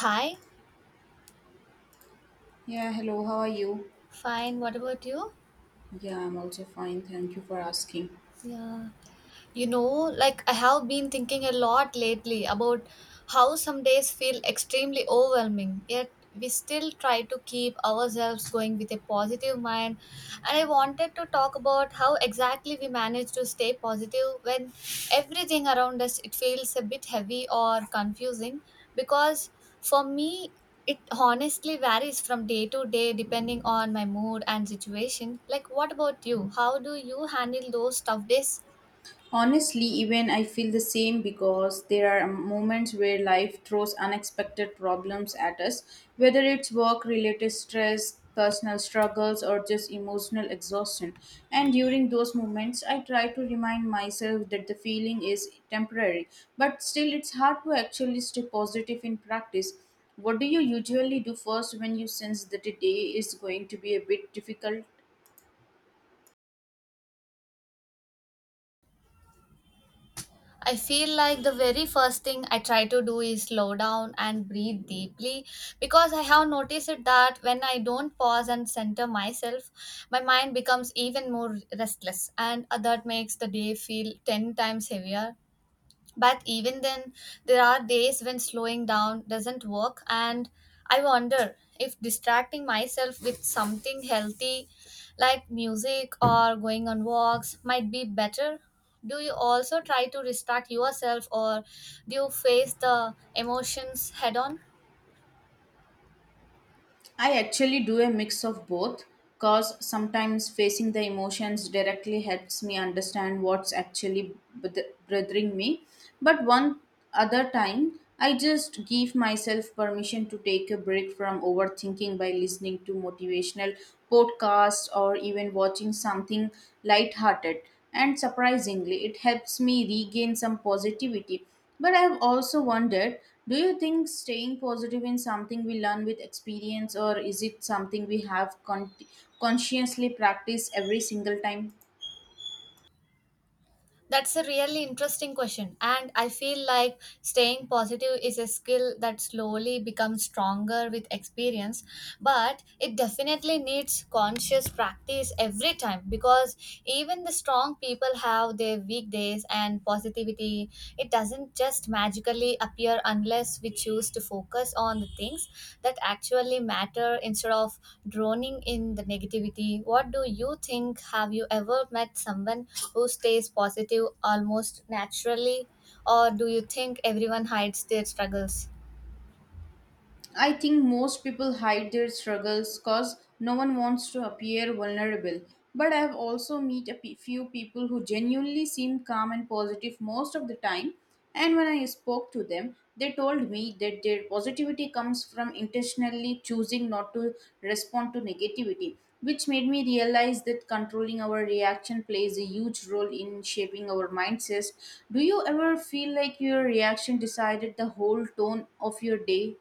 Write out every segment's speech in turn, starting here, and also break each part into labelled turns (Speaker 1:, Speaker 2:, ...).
Speaker 1: Hi,
Speaker 2: Yeah, hello, how are you?
Speaker 1: fine. What about you?
Speaker 2: Yeah, I'm also fine. Thank you for asking.
Speaker 1: Yeah. You know, like I have been thinking a lot lately about how some days feel extremely overwhelming, yet we still try to keep ourselves going with a positive mind. And I wanted to talk about how exactly we manage to stay positive when everything around us it feels a bit heavy or confusing, because for me it honestly varies from day to day depending on my mood and situation. Like, what about you? How do you handle those tough days?
Speaker 2: Honestly, even I feel the same because there are moments where life throws unexpected problems at us, whether it's work related stress, personal struggles, or just emotional exhaustion. And during those moments, I try to remind myself that the feeling is temporary, but still, it's hard to actually stay positive in practice. What do you usually do first when you sense that a day is going to be a bit difficult?
Speaker 1: I feel like the very first thing I try to do is slow down and breathe deeply, because I have noticed it that when I don't pause and center myself, my mind becomes even more restless, and that makes the day feel 10 times heavier. But even then, there are days when slowing down doesn't work, and I wonder if distracting myself with something healthy like music or going on walks might be better. Do you also try to distract yourself, or do you face the emotions head on?
Speaker 2: I actually do a mix of both because sometimes facing the emotions directly helps me understand what's actually bothering me. But one other time, I just give myself permission to take a break from overthinking by listening to motivational podcasts or even watching something lighthearted. And surprisingly, it helps me regain some positivity. But I've also wondered, do you think staying positive in something we learn with experience, or is it something we have consciously practiced every single time?
Speaker 1: That's a really interesting question. And I feel like staying positive is a skill that slowly becomes stronger with experience. But it definitely needs conscious practice every time, because even the strong people have their weak days and positivity. It doesn't just magically appear unless we choose to focus on the things that actually matter instead of droning in the negativity. What do you think? Have you ever met someone who stays positive almost naturally, or do you think everyone hides their struggles?
Speaker 2: I think most people hide their struggles because no one wants to appear vulnerable. But I have also met a few people who genuinely seem calm and positive most of the time. And when I spoke to them, they told me that their positivity comes from intentionally choosing not to respond to negativity, which made me realize that controlling our reaction plays a huge role in shaping our mindsets. Do you ever feel like your reaction decided the whole tone of your day?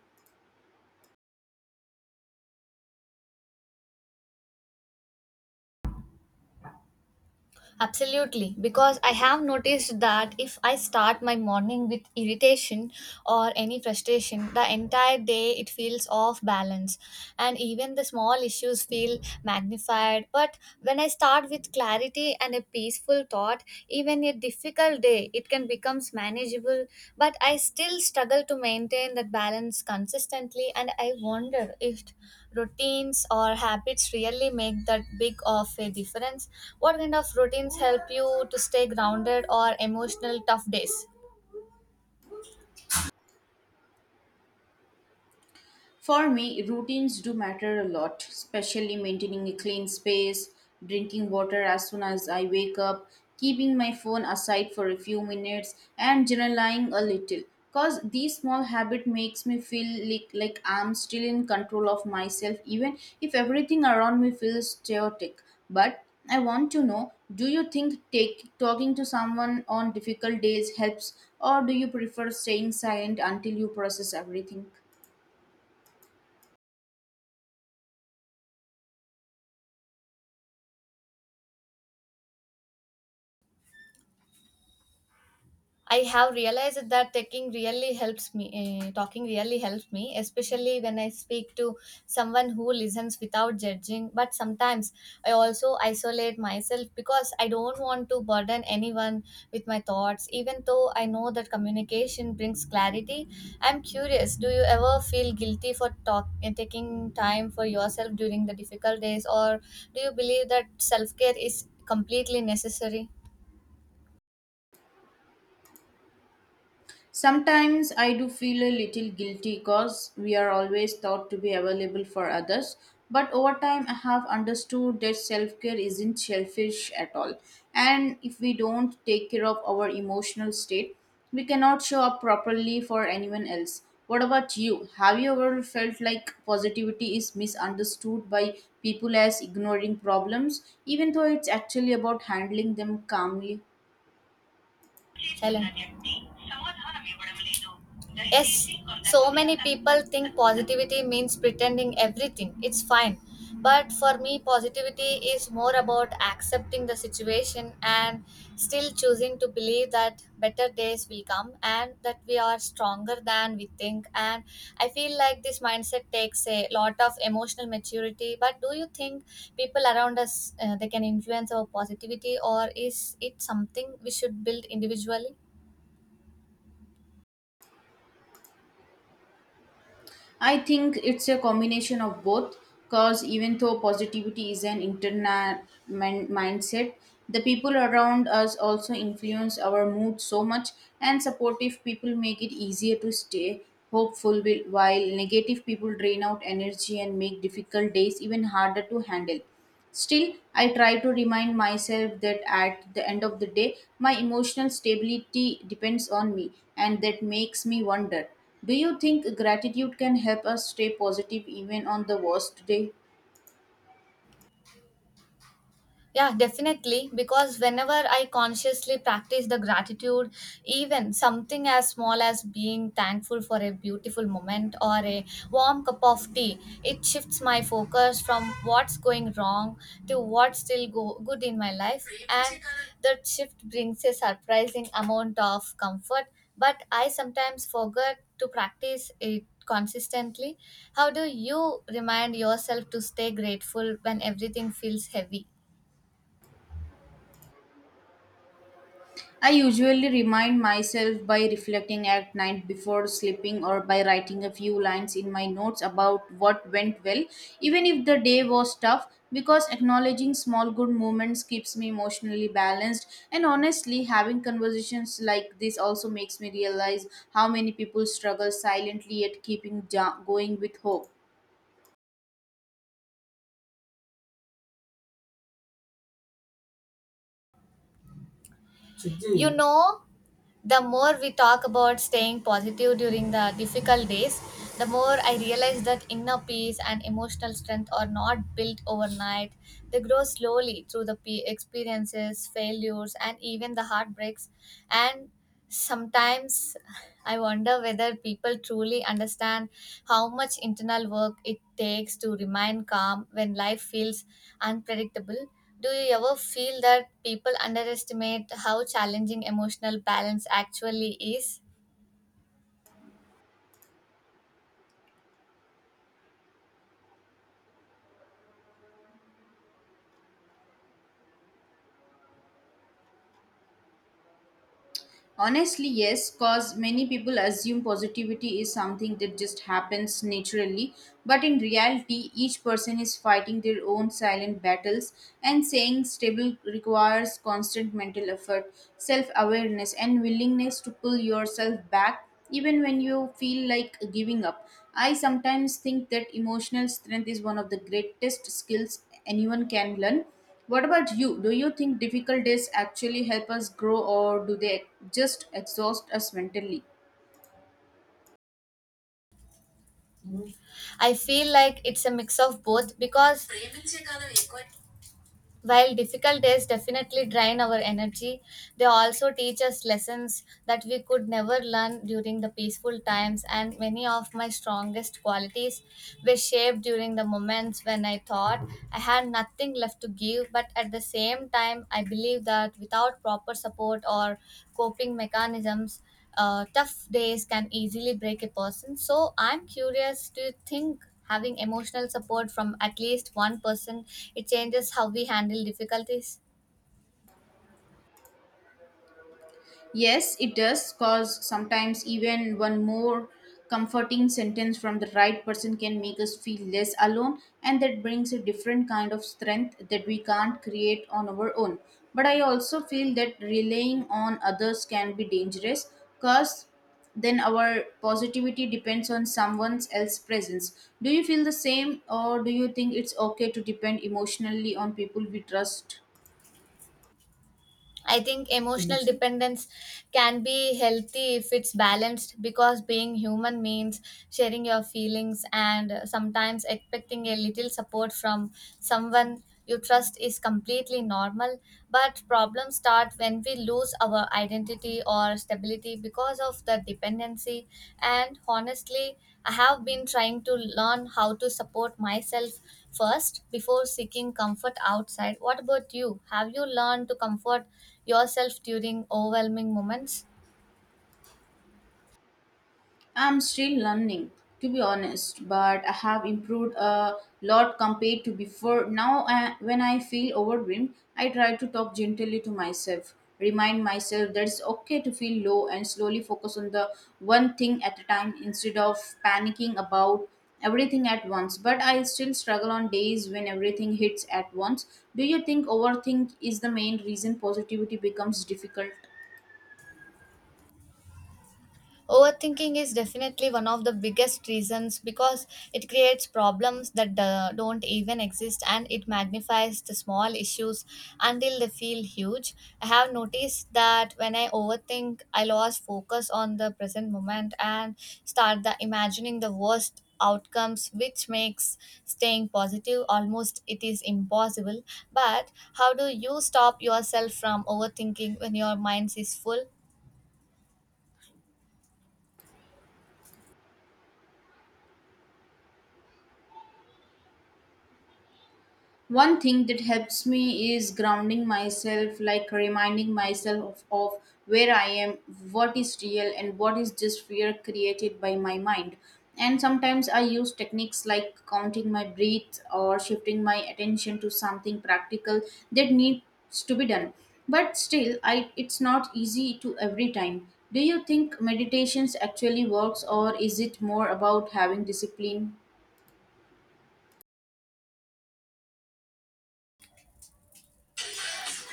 Speaker 1: Absolutely, because I have noticed that if I start my morning with irritation or any frustration, the entire day it feels off balance, and even the small issues feel magnified. But when I start with clarity and a peaceful thought, even a difficult day it can becomes manageable. But I still struggle to maintain that balance consistently, and I wonder if routines or habits really make that big of a difference. What kind of routines help you to stay grounded or emotional tough days?
Speaker 2: For me, routines do matter a lot, especially maintaining a clean space, drinking water as soon as I wake up, keeping my phone aside for a few minutes, and journaling a little. Cause these small habit makes me feel like I'm still in control of myself, even if everything around me feels chaotic. But I want to know, do you think talking to someone on difficult days helps, or do you prefer staying silent until you process everything?
Speaker 1: I have realized that taking really helps me. Eh, talking really helps me, especially when I speak to someone who listens without judging. But sometimes I also isolate myself because I don't want to burden anyone with my thoughts. Even though I know that communication brings clarity, I'm curious. Do you ever feel guilty for taking time for yourself during the difficult days, or do you believe that self care is completely necessary?
Speaker 2: Sometimes I do feel a little guilty because we are always thought to be available for others. But over time, I have understood that self care isn't selfish at all. And if we don't take care of our emotional state, we cannot show up properly for anyone else. What about you? Have you ever felt like positivity is misunderstood by people as ignoring problems, even though it's actually about handling them calmly?
Speaker 1: Chalo. Yes, so many people think positivity means pretending everything. It's fine. But for me, positivity is more about accepting the situation and still choosing to believe that better days will come, and that we are stronger than we think. And I feel like this mindset takes a lot of emotional maturity. But do you think people around us, they can influence our positivity, or is it something we should build individually?
Speaker 2: I think it's a combination of both because even though positivity is an internal mindset, the people around us also influence our mood so much, and supportive people make it easier to stay hopeful, while negative people drain out energy and make difficult days even harder to handle. Still, I try to remind myself that at the end of the day, my emotional stability depends on me, and that makes me wonder, do you think gratitude can help us stay positive even on the worst day?
Speaker 1: Yeah, definitely. Because whenever I consciously practice the gratitude, even something as small as being thankful for a beautiful moment or a warm cup of tea, it shifts my focus from what's going wrong to what's still good in my life. And that shift brings a surprising amount of comfort. But I sometimes forget to practice it consistently. How do you remind yourself to stay grateful when everything feels heavy?
Speaker 2: I usually remind myself by reflecting at night before sleeping or by writing a few lines in my notes about what went well, even if the day was tough, because acknowledging small good moments keeps me emotionally balanced. And honestly, having conversations like this also makes me realize how many people struggle silently yet keeping going with hope.
Speaker 1: Ji. The more we talk about staying positive during the difficult days, the more I realize that inner peace and emotional strength are not built overnight. They grow slowly through the experiences, failures, and even the heartbreaks. And sometimes I wonder whether people truly understand how much internal work it takes to remain calm when life feels unpredictable. Do you ever feel that people underestimate how challenging emotional balance actually is?
Speaker 2: Honestly, yes, because many people assume positivity is something that just happens naturally. But in reality, each person is fighting their own silent battles, and staying stable requires constant mental effort, self awareness, and willingness to pull yourself back even when you feel like giving up. I sometimes think that emotional strength is one of the greatest skills anyone can learn. What about you? Do you think difficult days actually help us grow, or do they just exhaust us mentally?
Speaker 1: I feel like it's a mix of both, because while difficult days definitely drain our energy, they also teach us lessons that we could never learn during the peaceful times, and many of my strongest qualities were shaped during the moments when I thought I had nothing left to give. But at the same time, I believe that without proper support or coping mechanisms, tough days can easily break a person. So, I'm curious, do you think having emotional support from at least one person, it changes how we handle difficulties?
Speaker 2: Yes, it does, because sometimes even one more comforting sentence from the right person can make us feel less alone, and that brings a different kind of strength that we can't create on our own. But I also feel that relying on others can be dangerous because then our positivity depends on someone else's presence. Do you feel the same, or do you think it's okay to depend emotionally on people we trust?
Speaker 1: I think emotional, yes, dependence can be healthy if it's balanced, because being human means sharing your feelings, and sometimes expecting a little support from someone you trust is completely normal. But problems start when we lose our identity or stability because of the dependency. And honestly, I have been trying to learn how to support myself first before seeking comfort outside. What about you? Have you learned to comfort yourself during overwhelming moments?
Speaker 2: I'm still learning, to be honest, but I have improved a lot compared to before. Now, when I feel overwhelmed, I try to talk gently to myself, remind myself that it's okay to feel low, and slowly focus on the one thing at a time instead of panicking about everything at once. But I still struggle on days when everything hits at once. Do you think overthink is the main reason positivity becomes difficult?
Speaker 1: Overthinking is definitely one of the biggest reasons, because it creates problems that don't even exist, and it magnifies the small issues until they feel huge. I have noticed that when I overthink, I lose focus on the present moment and start the imagining the worst outcomes, which makes staying positive almost it is impossible. But how do you stop yourself from overthinking when your mind is full?
Speaker 2: One thing that helps me is grounding myself, like reminding myself of where I am, what is real, and what is just fear created by my mind. And sometimes I use techniques like counting my breath or shifting my attention to something practical that needs to be done. But still, it's not easy to every time. Do you think meditations actually works, or is it more about having discipline?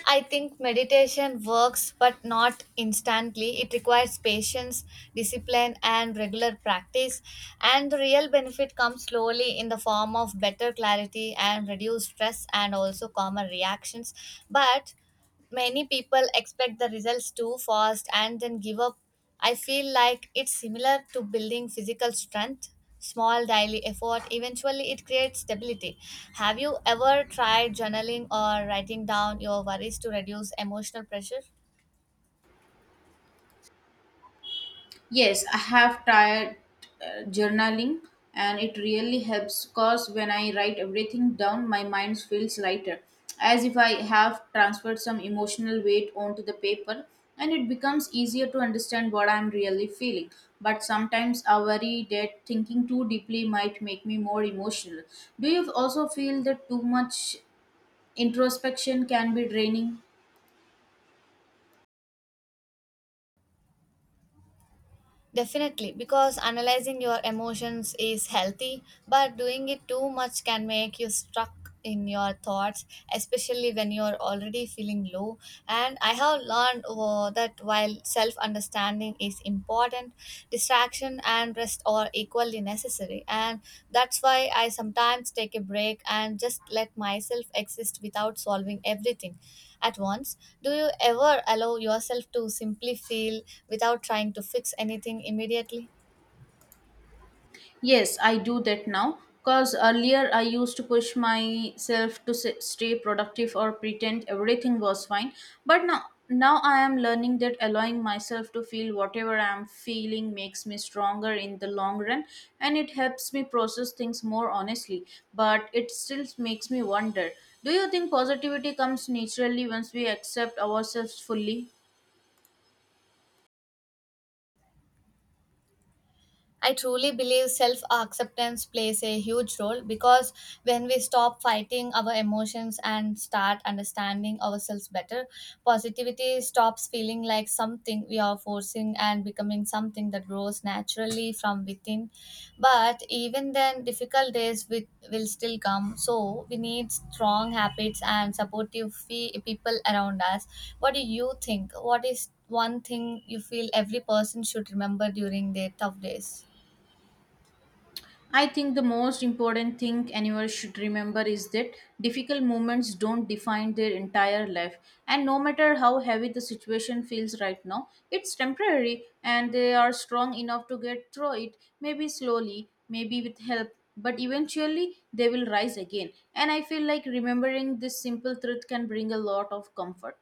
Speaker 1: I think meditation works, but not instantly. It requires patience, discipline, and regular practice. And the real benefit comes slowly in the form of better clarity and reduced stress and also calmer reactions. But many people expect the results too fast and then give up. I feel like it's similar to building physical strength. Small daily effort eventually it creates stability. Have you ever tried journaling or writing down your worries to reduce emotional pressure?
Speaker 2: Yes, I have tried journaling and it really helps because when I write everything down, my mind feels lighter, as if I have transferred some emotional weight onto the paper and it becomes easier to understand what I'm really feeling. But sometimes I worry that thinking too deeply might make me more emotional. Do you also feel that too much introspection can be draining?
Speaker 1: Definitely, because analyzing your emotions is healthy, but doing it too much can make you stuck in your thoughts, especially when you're already feeling low. And I have learned, that while self understanding is important, distraction and rest are equally necessary, and that's why I sometimes take a break and just let myself exist without solving everything at once. Do you ever allow yourself to simply feel without trying to fix anything immediately?
Speaker 2: Yes, I do that now because earlier I used to push myself to stay productive or pretend everything was fine. But now, I am learning that allowing myself to feel whatever I am feeling makes me stronger in the long run and it helps me process things more honestly. But it still makes me wonder, do you think positivity comes naturally once we accept ourselves fully?
Speaker 1: I truly believe self acceptance plays a huge role, because when we stop fighting our emotions and start understanding ourselves better, positivity stops feeling like something we are forcing and becoming something that grows naturally from within. But even then, difficult days will still come. So, we need strong habits and supportive people around us. What do you think? What is one thing you feel every person should remember during their tough days?
Speaker 2: I think the most important thing anyone should remember is that difficult moments don't define their entire life. And no matter how heavy the situation feels right now, it's temporary and they are strong enough to get through it, maybe slowly, maybe with help, but eventually they will rise again. And I feel like remembering this simple truth can bring a lot of comfort.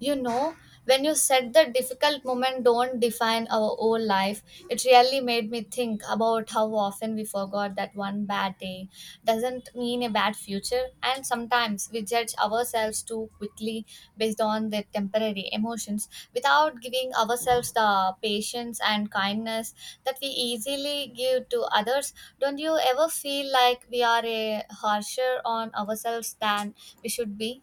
Speaker 1: You know, when you said the difficult moment don't define our whole life, it really made me think about how often we forgot that one bad day doesn't mean a bad future, and sometimes we judge ourselves too quickly based on the temporary emotions without giving ourselves the patience and kindness that we easily give to others. Don't you ever feel like we are a harsher on ourselves than we should be?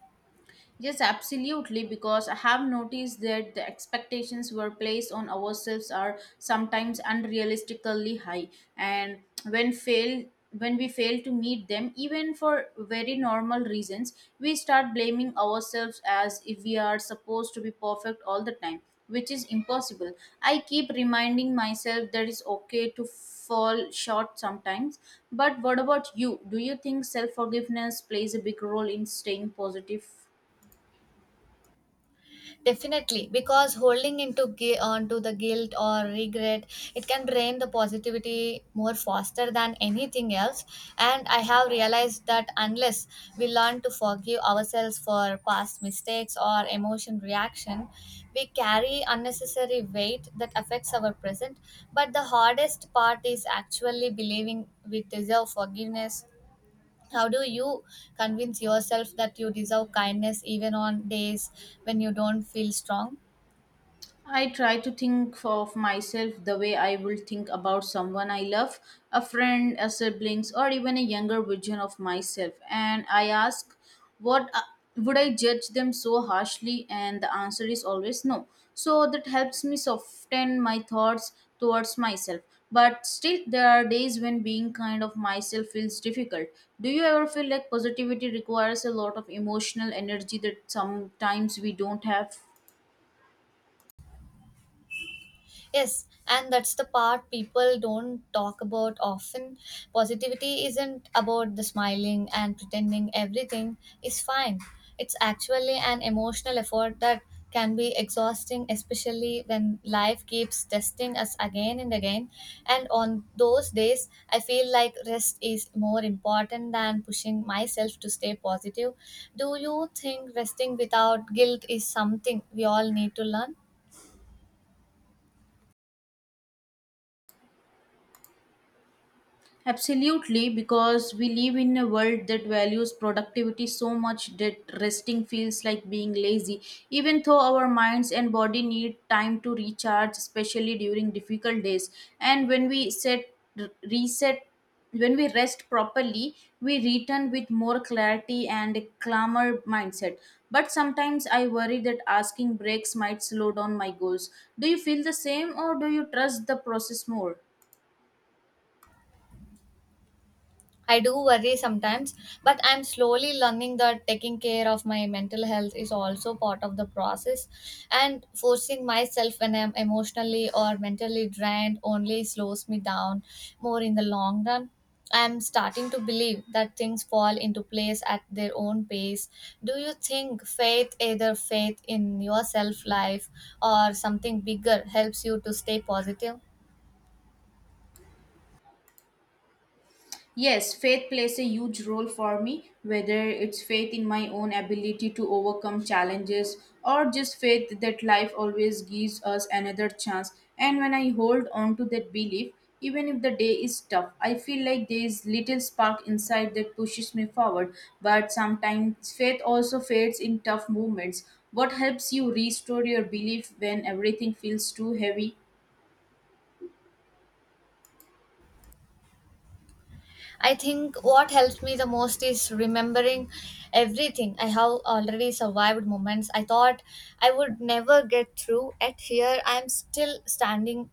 Speaker 2: Yes, absolutely, because I have noticed that the expectations were placed on ourselves are sometimes unrealistically high, and when fail when we fail to meet them, even for very normal reasons, we start blaming ourselves as if we are supposed to be perfect all the time, which is impossible. I keep reminding myself that it's okay to fall short sometimes. But what about you? Do you think self forgiveness plays a big role in staying positive?
Speaker 1: Definitely, because holding into onto the guilt or regret, it can drain the positivity more faster than anything else. And I have realized that unless we learn to forgive ourselves for past mistakes or emotion reaction, we carry unnecessary weight that affects our present. But the hardest part is actually believing we deserve forgiveness. How do you convince yourself that you deserve kindness even on days when you don't feel strong?
Speaker 2: I try to think of myself the way I will think about someone I love, a friend, a siblings, or even a younger version of myself. And I ask, what would I judge them so harshly? And the answer is always no. So that helps me soften my thoughts towards myself. But still, there are days when being kind of myself feels difficult. Do you ever feel like positivity requires a lot of emotional energy that sometimes we don't have?
Speaker 1: Yes, and that's the part people don't talk about often. Positivity isn't about the smiling and pretending everything is fine. It's actually an emotional effort that can be exhausting, especially when life keeps testing us again and again. And on those days, I feel like rest is more important than pushing myself to stay positive. Do you think resting without guilt is something we all need to learn?
Speaker 2: Absolutely, because we live in a world that values productivity so much that resting feels like being lazy, even though our minds and body need time to recharge, especially during difficult days. And when we set r- reset when we rest properly, we return with more clarity and a calmer mindset. But sometimes I worry that asking breaks might slow down my goals. Do you feel the same, or do you trust the process more?
Speaker 1: I do worry sometimes, but I'm slowly learning that taking care of my mental health is also part of the process. And forcing myself when I'm emotionally or mentally drained only slows me down more in the long run. I'm starting to believe that things fall into place at their own pace. Do you think faith, either faith in yourself, life, or something bigger, helps you to stay positive?
Speaker 2: Yes, faith plays a huge role for me, whether it's faith in my own ability to overcome challenges or just faith that life always gives us another chance. And when I hold on to that belief, even if the day is tough, I feel like there is little spark inside that pushes me forward. But sometimes faith also fades in tough moments. What helps you restore your belief when everything feels too heavy?
Speaker 1: I think what helps me the most is remembering everything I have already survived, moments I thought I would never get through, at here I'm still standing,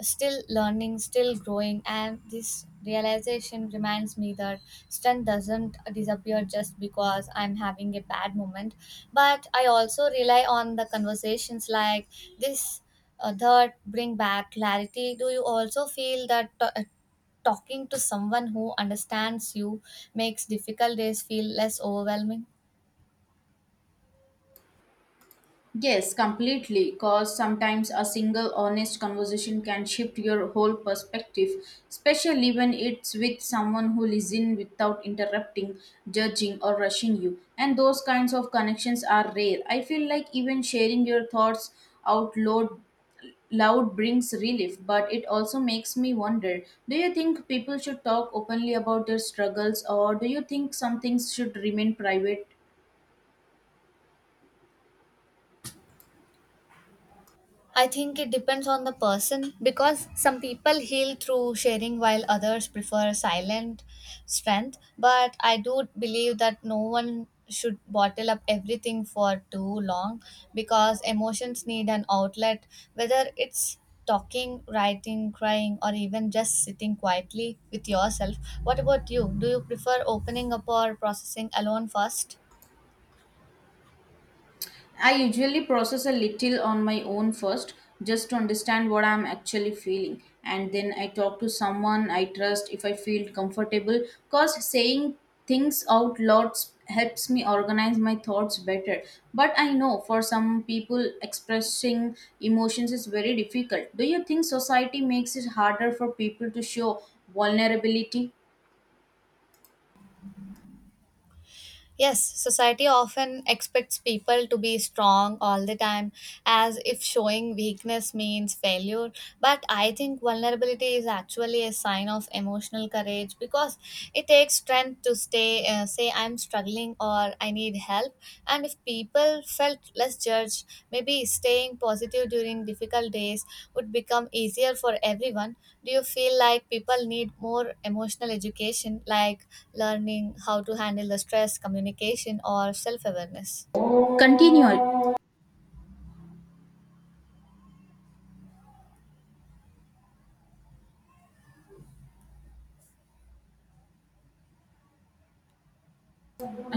Speaker 1: still learning, still growing. And this realization reminds me that strength doesn't disappear just because I'm having a bad moment. But I also rely on the conversations like this, that bring back clarity. Do you also feel that talking to someone who understands you makes difficult days feel less overwhelming?
Speaker 2: Yes, completely. Because sometimes a single honest conversation can shift your whole perspective, especially when it's with someone who listens without interrupting, judging, or rushing you. And those kinds of connections are rare. I feel like even sharing your thoughts out loud brings relief, but it also makes me wonder, do you think people should talk openly about their struggles, or do you think some things should remain private?
Speaker 1: I think it depends on the person, because some people heal through sharing while others prefer silent strength. But I do believe that no one should bottle up everything for too long because emotions need an outlet, whether it's talking, writing, crying, or even just sitting quietly with yourself. What about you? Do you prefer opening up or processing alone first?
Speaker 2: I usually process a little on my own first, just to understand what I'm actually feeling. And then I talk to someone I trust if I feel comfortable, because saying things out loud helps me organize my thoughts better. But I know for some people, expressing emotions is very difficult. Do you think society makes it harder for people to show vulnerability?
Speaker 1: Yes, society often expects people to be strong all the time, as if showing weakness means failure. But I think vulnerability is actually a sign of emotional courage because it takes strength to stay, say, I'm struggling or I need help. And if people felt less judged, maybe staying positive during difficult days would become easier for everyone. Do you feel like people need more emotional education, like learning how to handle the stress, communication, or self awareness?
Speaker 2: Continue,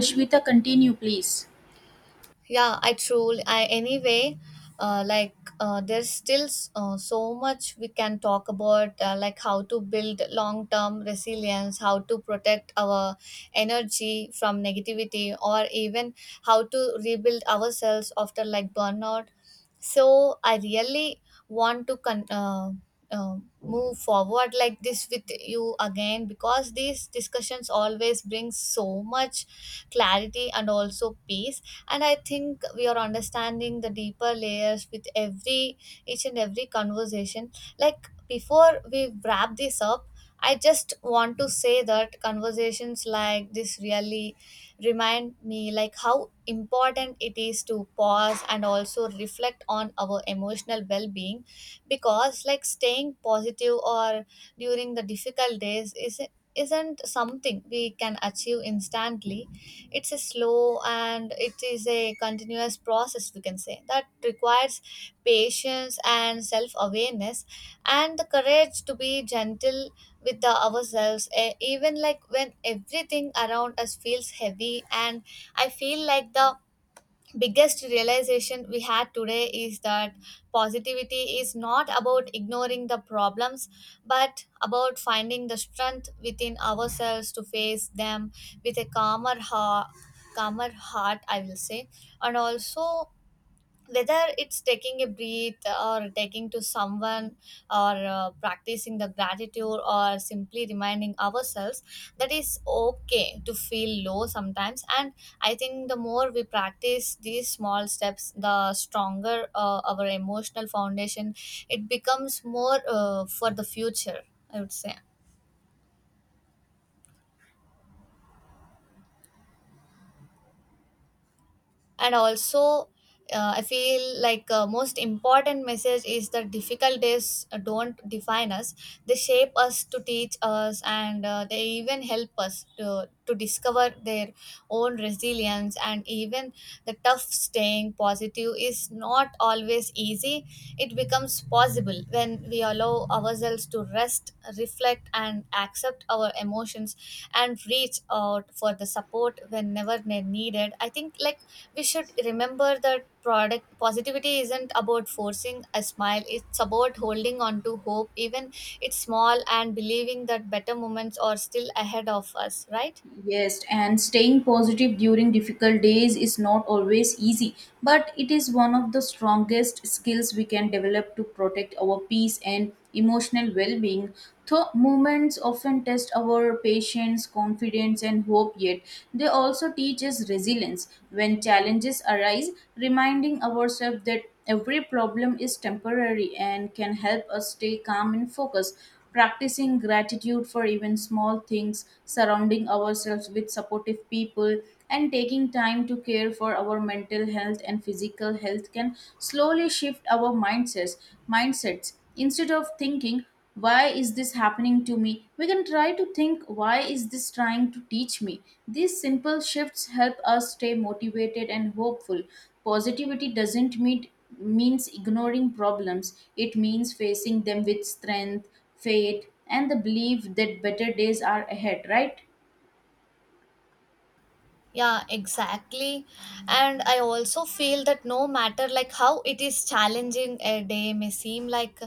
Speaker 2: Ashmita, continue, please.
Speaker 1: Yeah I truly I anyway like There's still so much we can talk about, like how to build long term resilience, how to protect our energy from negativity, or even how to rebuild ourselves after burnout. So I really want to con- uh, uh, move forward like this with you again, because these discussions always bring so much clarity and also peace. And I think we are understanding the deeper layers with every each and every conversation. Like, before we wrap this up, I just want to say that conversations like this really remind me like how important it is to pause and also reflect on our emotional well-being. Because like staying positive or during the difficult days is isn't something we can achieve instantly. It's a slow, and it is a continuous process we can say, that requires patience and self awareness and the courage to be gentle with the ourselves, even like when everything around us feels heavy. And I feel like the biggest realization we had today is that positivity is not about ignoring the problems, but about finding the strength within ourselves to face them with a calmer heart. Calmer heart, I will say. And also, whether it's taking a breath or taking to someone, or practicing the gratitude, or simply reminding ourselves that it's okay to feel low sometimes. And I think the more we practice these small steps, the stronger our emotional foundation it becomes, more for the future, I would say. And also, I feel like most important message is that difficult days don't define us. They shape us to teach us, and they even help us to discover their own resilience. And even the tough, staying positive is not always easy, it becomes possible when we allow ourselves to rest, reflect, and accept our emotions, and reach out for the support whenever they needed. I think like we should remember that product positivity isn't about forcing a smile, it's about holding on to hope, even it's small, and believing that better moments are still ahead of us, right?
Speaker 2: Yes, and staying positive during difficult days is not always easy, but it is one of the strongest skills we can develop to protect our peace and emotional well being. Though moments often test our patience, confidence, and hope, yet they also teach us resilience when challenges arise, reminding ourselves that every problem is temporary and can help us stay calm and focused. Practicing gratitude for even small things, surrounding ourselves with supportive people, and taking time to care for our mental health and physical health can slowly shift our mindsets. Instead of thinking why is this happening to me, we can try to think why is this trying to teach me. These simple shifts help us stay motivated and hopeful. Positivity doesn't mean means ignoring problems, it means facing them with strength, faith, and the belief that better days are ahead, right?
Speaker 1: Yeah, exactly. And I also feel that no matter like how it is challenging a day may seem, like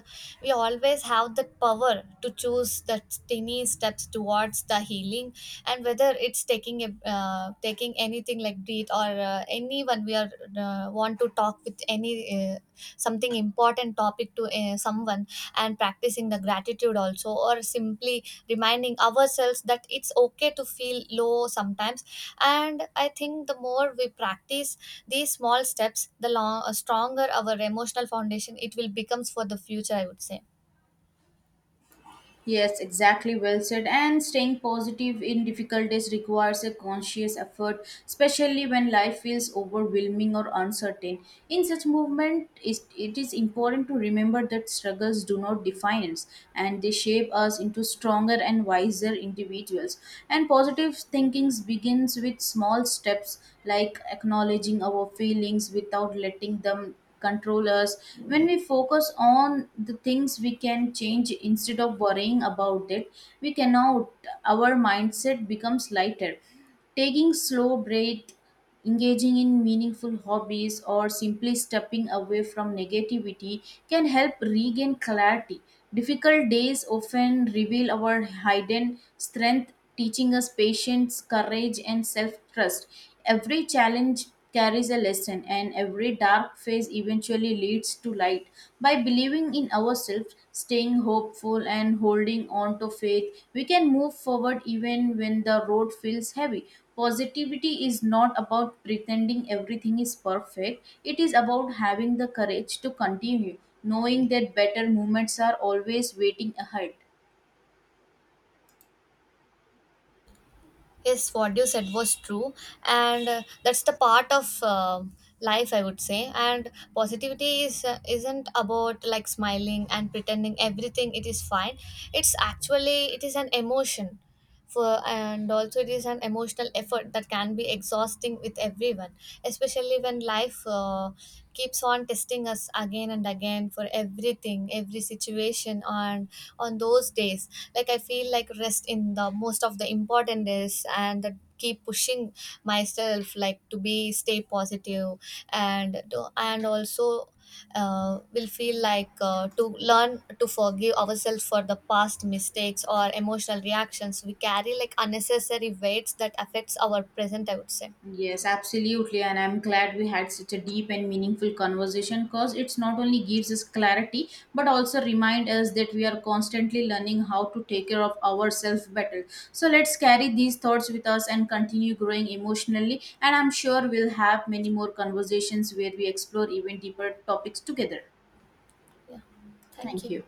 Speaker 1: we always have the power to choose the tiny steps towards the healing. And whether it's taking anything like breathe, or anyone we are want to talk with, any something important topic to someone. And practicing the gratitude also, or simply reminding ourselves that it's okay to feel low sometimes. And I think the more we practice these small steps, the stronger our emotional foundation it will becomes for the future, I would say.
Speaker 2: Yes, exactly. Well said. And staying positive in difficult days requires a conscious effort, especially when life feels overwhelming or uncertain. In such movement, it is important to remember that struggles do not define us and they shape us into stronger and wiser individuals. And positive thinking begins with small steps like acknowledging our feelings without letting them controllers. When we focus on the things we can change instead of worrying about it we cannot, our mindset becomes lighter. Taking slow breath, engaging in meaningful hobbies, or simply stepping away from negativity can help regain clarity. Difficult days often reveal our hidden strength, teaching us patience, courage, and self trust. Every challenge carries a lesson, and every dark phase eventually leads to light. By believing in ourselves, staying hopeful, and holding on to faith, we can move forward even when the road feels heavy. Positivity is not about pretending everything is perfect, it is about having the courage to continue, knowing that better moments are always waiting ahead.
Speaker 1: Yes, what you said was true, and that's the part of life, I would say. And positivity is isn't about like smiling and pretending everything it is fine. It is an emotion, for, and also it is an emotional effort that can be exhausting with everyone, especially when life keeps on testing us again and again for everything, every situation. And on those days, like I feel like rest in the most of the important days, and that keep pushing myself like to be stay positive. And do, and also will feel like to learn to forgive ourselves for the past mistakes or emotional reactions we carry like unnecessary weights that affects our present, I would say.
Speaker 2: Yes, absolutely. And I'm glad we had such a deep and meaningful conversation because it's not only gives us clarity, but also remind us that we are constantly learning how to take care of ourselves better. So let's carry these thoughts with us and continue growing emotionally. And I'm sure we'll have many more conversations where we explore even deeper topics together.
Speaker 1: Yeah, thank
Speaker 2: Thank
Speaker 1: you.
Speaker 2: you.